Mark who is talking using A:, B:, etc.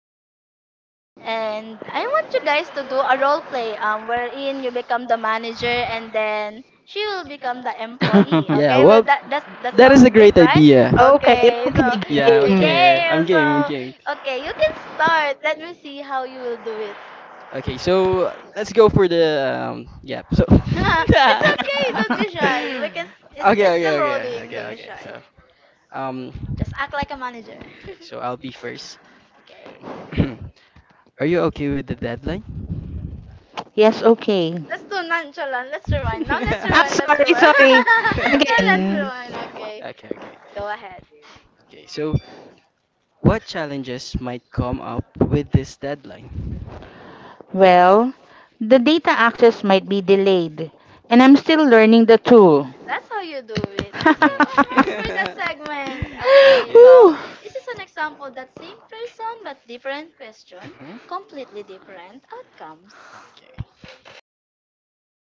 A: guests here, and I want you guys to do a role play, wherein you become the manager, and then she will become the employee.
B: Yeah,
A: Okay, well
B: well,
A: that
B: that
A: sounds
B: is a
A: great,
B: great
A: right?
B: idea.
C: Okay,
A: Okay,
C: okay,
A: so
B: Yeah,
A: a
C: game.
B: okay,
A: game.
B: I'm game, I'm
A: So
B: game.
A: okay, you can start. Let me see how you will do it.
B: Okay, so let's go for the yeah. So,
A: It's okay,
B: okay,
A: don't be shy. We can. It's still rolling. Don't be
B: okay.
A: shy.
B: So, um,
A: Just act like a manager.
B: okay, so I'll be first.
A: Okay.
B: Are you okay with the deadline?
C: Yes, okay.
A: Let's— That's too nonchalant. Let's rewind. Now let's
C: Ah,
A: rewind. Let's
C: sorry,
A: rewind.
C: sorry.
A: Now okay, let's
C: Again.
A: rewind. Okay.
B: Okay, okay,
A: Okay, go ahead.
B: okay. So, what challenges might come up with this deadline?
C: Well, the data access might be delayed, and I'm still learning the tool.
A: That's how you do it. Let's clap our hands for that okay. segment. Okay,
B: yeah.
A: so
C: Whew.
A: this is an example— that same person but different question,
B: Mm-hmm.
A: completely different outcomes.
B: Okay.